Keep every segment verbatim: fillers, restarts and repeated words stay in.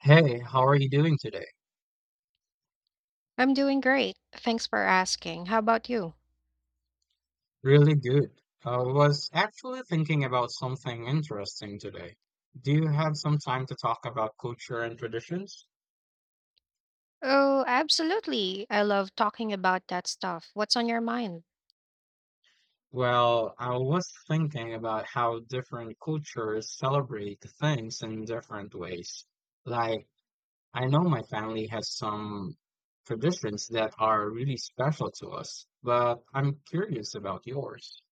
Hey, how are you doing today? I'm doing great. Thanks for asking. How about you? Really good. I was actually thinking about something interesting today. Do you have some time to talk about culture and traditions? Oh, absolutely. I love talking about that stuff. What's on your mind? Well, I was thinking about how different cultures celebrate things in different ways. Like, I know my family has some traditions that are really special to us, but I'm curious about yours.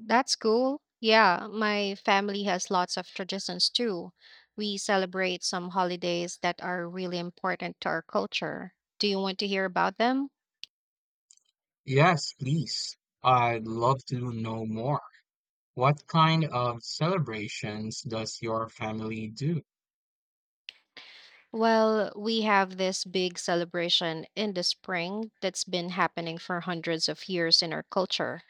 That's cool. Yeah, my family has lots of traditions too. We celebrate some holidays that are really important to our culture. Do you want to hear about them? Yes, please. I'd love to know more. What kind of celebrations does your family do? Well, we have this big celebration in the spring that's been happening for hundreds of years in our culture.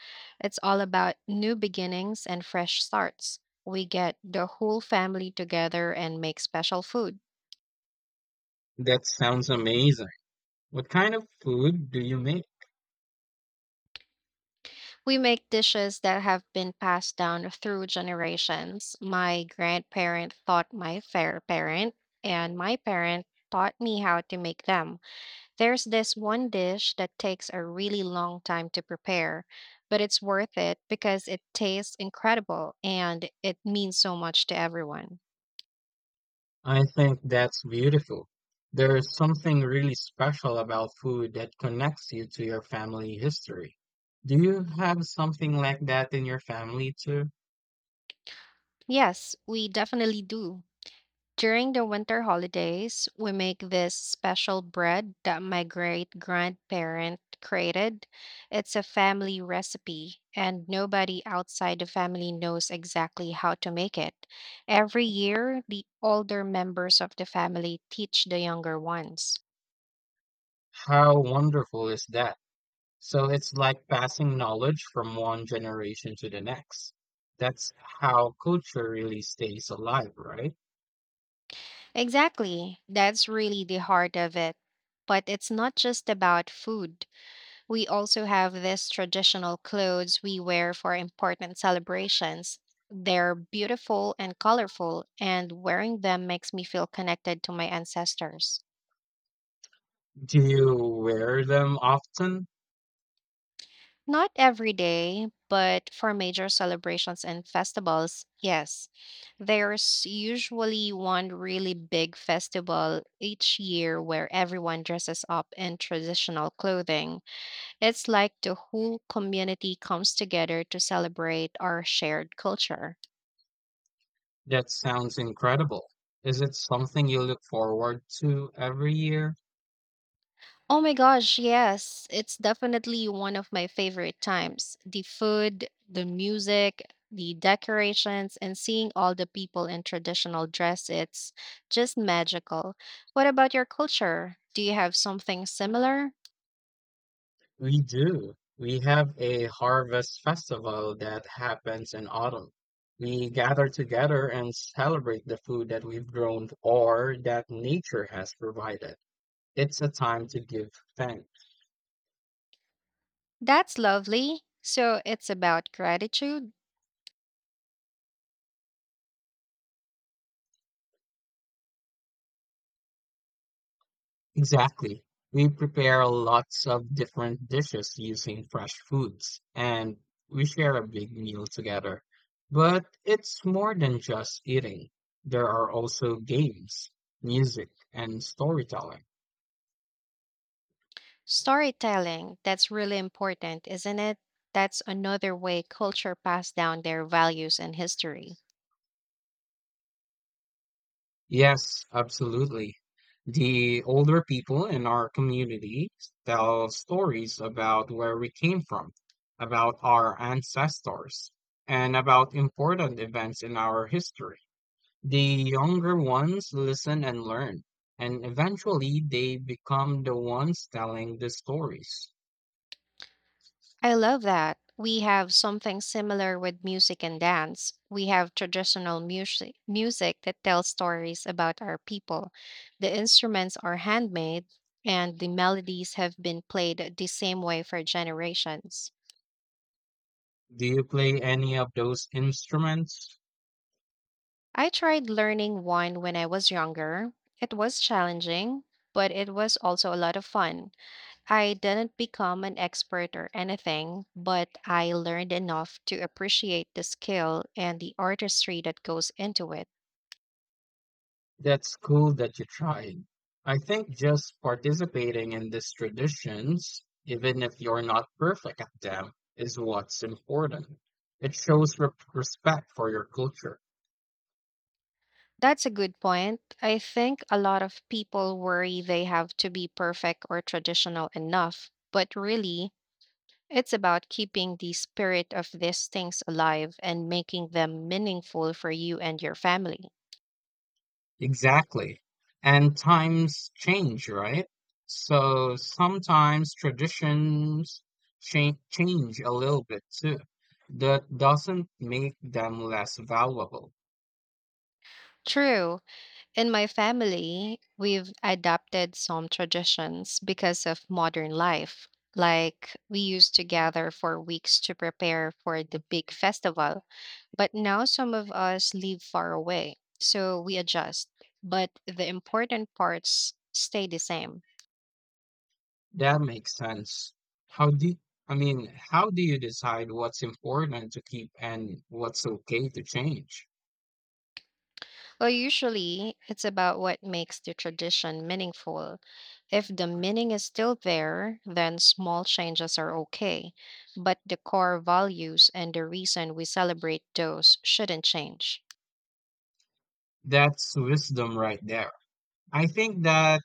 It's all about new beginnings and fresh starts. We get the whole family together and make special food. That sounds amazing. What kind of food do you make? We make dishes that have been passed down through generations. My grandparent taught my fair parent, and my parent taught me how to make them. There's this one dish that takes a really long time to prepare, but it's worth it because it tastes incredible and it means so much to everyone. I think that's beautiful. There is something really special about food that connects you to your family history. Do you have something like that in your family too? Yes, we definitely do. During the winter holidays, we make this special bread that my great grandparent created. It's a family recipe, and nobody outside the family knows exactly how to make it. Every year, the older members of the family teach the younger ones. How wonderful is that? So it's like passing knowledge from one generation to the next. That's how culture really stays alive, right? Exactly, that's really the heart of it. But it's not just about food. We also have these traditional clothes we wear for important celebrations. They're beautiful and colorful, and wearing them makes me feel connected to my ancestors. Do you wear them often? Not every day, but for major celebrations and festivals, yes. There's usually one really big festival each year where everyone dresses up in traditional clothing. It's like the whole community comes together to celebrate our shared culture. That sounds incredible. Is it something you look forward to every year? Oh my gosh, yes. It's definitely one of my favorite times. The food, the music, the decorations, and seeing all the people in traditional dress, it's just magical. What about your culture? Do you have something similar? We do. We have a harvest festival that happens in autumn. We gather together and celebrate the food that we've grown or that nature has provided. It's a time to give thanks. That's lovely. So it's about gratitude, Exactly. We prepare lots of different dishes using fresh foods, and we share a big meal together. But it's more than just eating. There are also games, music, and storytelling. storytelling. That's really important, isn't it? That's another way culture passed down their values and history. Yes, absolutely. The older people in our community tell stories about where we came from, about our ancestors, and about important events in our history. The younger ones listen and learn, and eventually they become the ones telling the stories. I love that. We have something similar with music and dance. We have traditional music, music that tells stories about our people. The instruments are handmade, and the melodies have been played the same way for generations. Do you play any of those instruments? I tried learning one when I was younger. It was challenging, but it was also a lot of fun. I didn't become an expert or anything, but I learned enough to appreciate the skill and the artistry that goes into it. That's cool that you tried. I think just participating in these traditions, even if you're not perfect at them, is what's important. It shows re- respect for your culture. That's a good point. I think a lot of people worry they have to be perfect or traditional enough, but really, it's about keeping the spirit of these things alive and making them meaningful for you and your family. Exactly. And times change, right? So sometimes traditions change change a little bit too. That doesn't make them less valuable. True. In my family, we've adapted some traditions because of modern life. Like, we used to gather for weeks to prepare for the big festival, but now some of us live far away, so we adjust. But the important parts stay the same. That makes sense. How do I mean, how do you decide what's important to keep and what's okay to change? Well, usually, it's about what makes the tradition meaningful. If the meaning is still there, then small changes are okay, but the core values and the reason we celebrate those shouldn't change. That's wisdom right there. I think that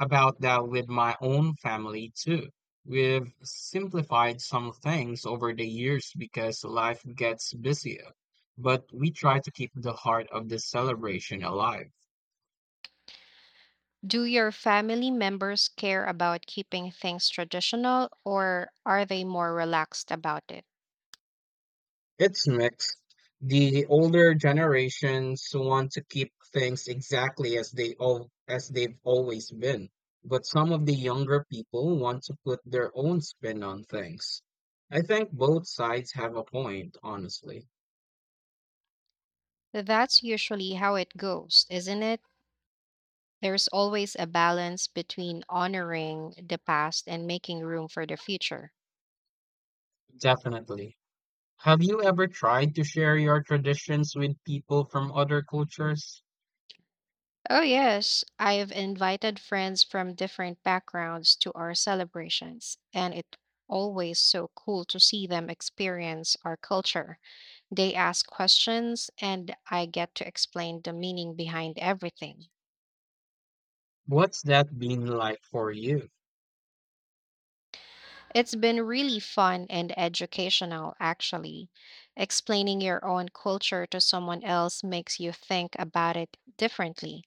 about that with my own family too. We've simplified some things over the years because life gets busier, but we try to keep the heart of the celebration alive. Do your family members care about keeping things traditional or are they more relaxed about it? It's mixed. The older generations want to keep things exactly as they all as they've always been, but some of the younger people want to put their own spin on things. I think both sides have a point, honestly. That's usually how it goes, isn't it? There's always a balance between honoring the past and making room for the future. Definitely. Have you ever tried to share your traditions with people from other cultures? Oh, yes. I have invited friends from different backgrounds to our celebrations, and it's always so cool to see them experience our culture. They ask questions, and I get to explain the meaning behind everything. What's that been like for you? It's been really fun and educational, actually. Explaining your own culture to someone else makes you think about it differently.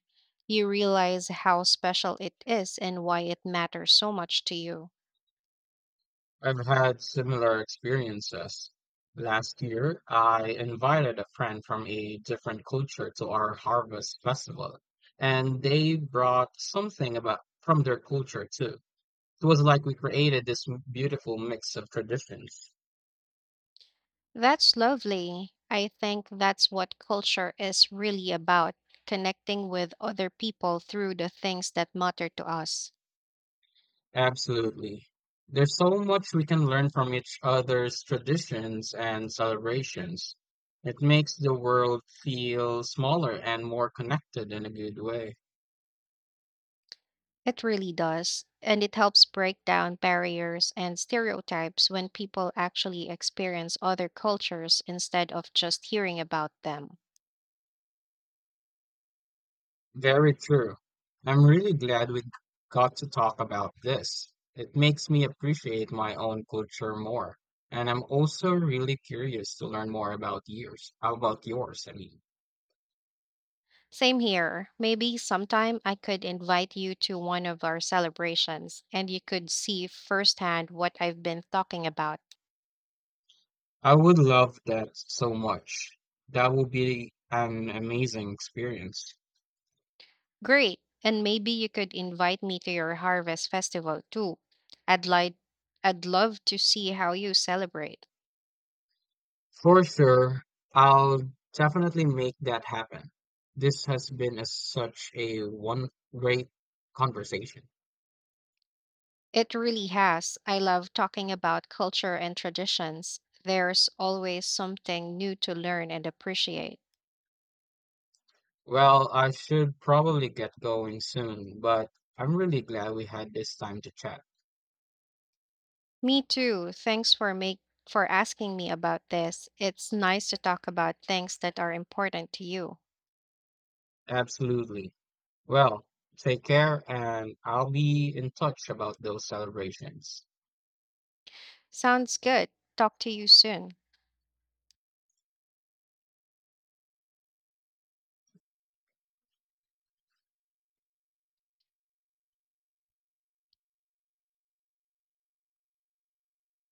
You realize how special it is and why it matters so much to you. I've had similar experiences. Last year, I invited a friend from a different culture to our harvest festival, and they brought something about from their culture too. It was like we created this m- beautiful mix of traditions. That's lovely. I think that's what culture is really about, connecting with other people through the things that matter to us. Absolutely. There's so much we can learn from each other's traditions and celebrations. It makes the world feel smaller and more connected in a good way. It really does. And it helps break down barriers and stereotypes when people actually experience other cultures instead of just hearing about them. Very true. I'm really glad we got to talk about this. It makes me appreciate my own culture more. And I'm also really curious to learn more about yours. How about yours? I mean, Same here. Maybe sometime I could invite you to one of our celebrations and you could see firsthand what I've been talking about. I would love that so much. That would be an amazing experience. Great. And maybe you could invite me to your harvest festival too. I'd like I'd love to see how you celebrate. For sure, I'll definitely make that happen. This has been a, such a one great conversation. It really has. I love talking about culture and traditions. There's always something new to learn and appreciate. Well, I should probably get going soon, but I'm really glad we had this time to chat. Me too. Thanks for make for asking me about this. It's nice to talk about things that are important to you. Absolutely. Well, take care, and I'll be in touch about those celebrations. Sounds good. Talk to you soon.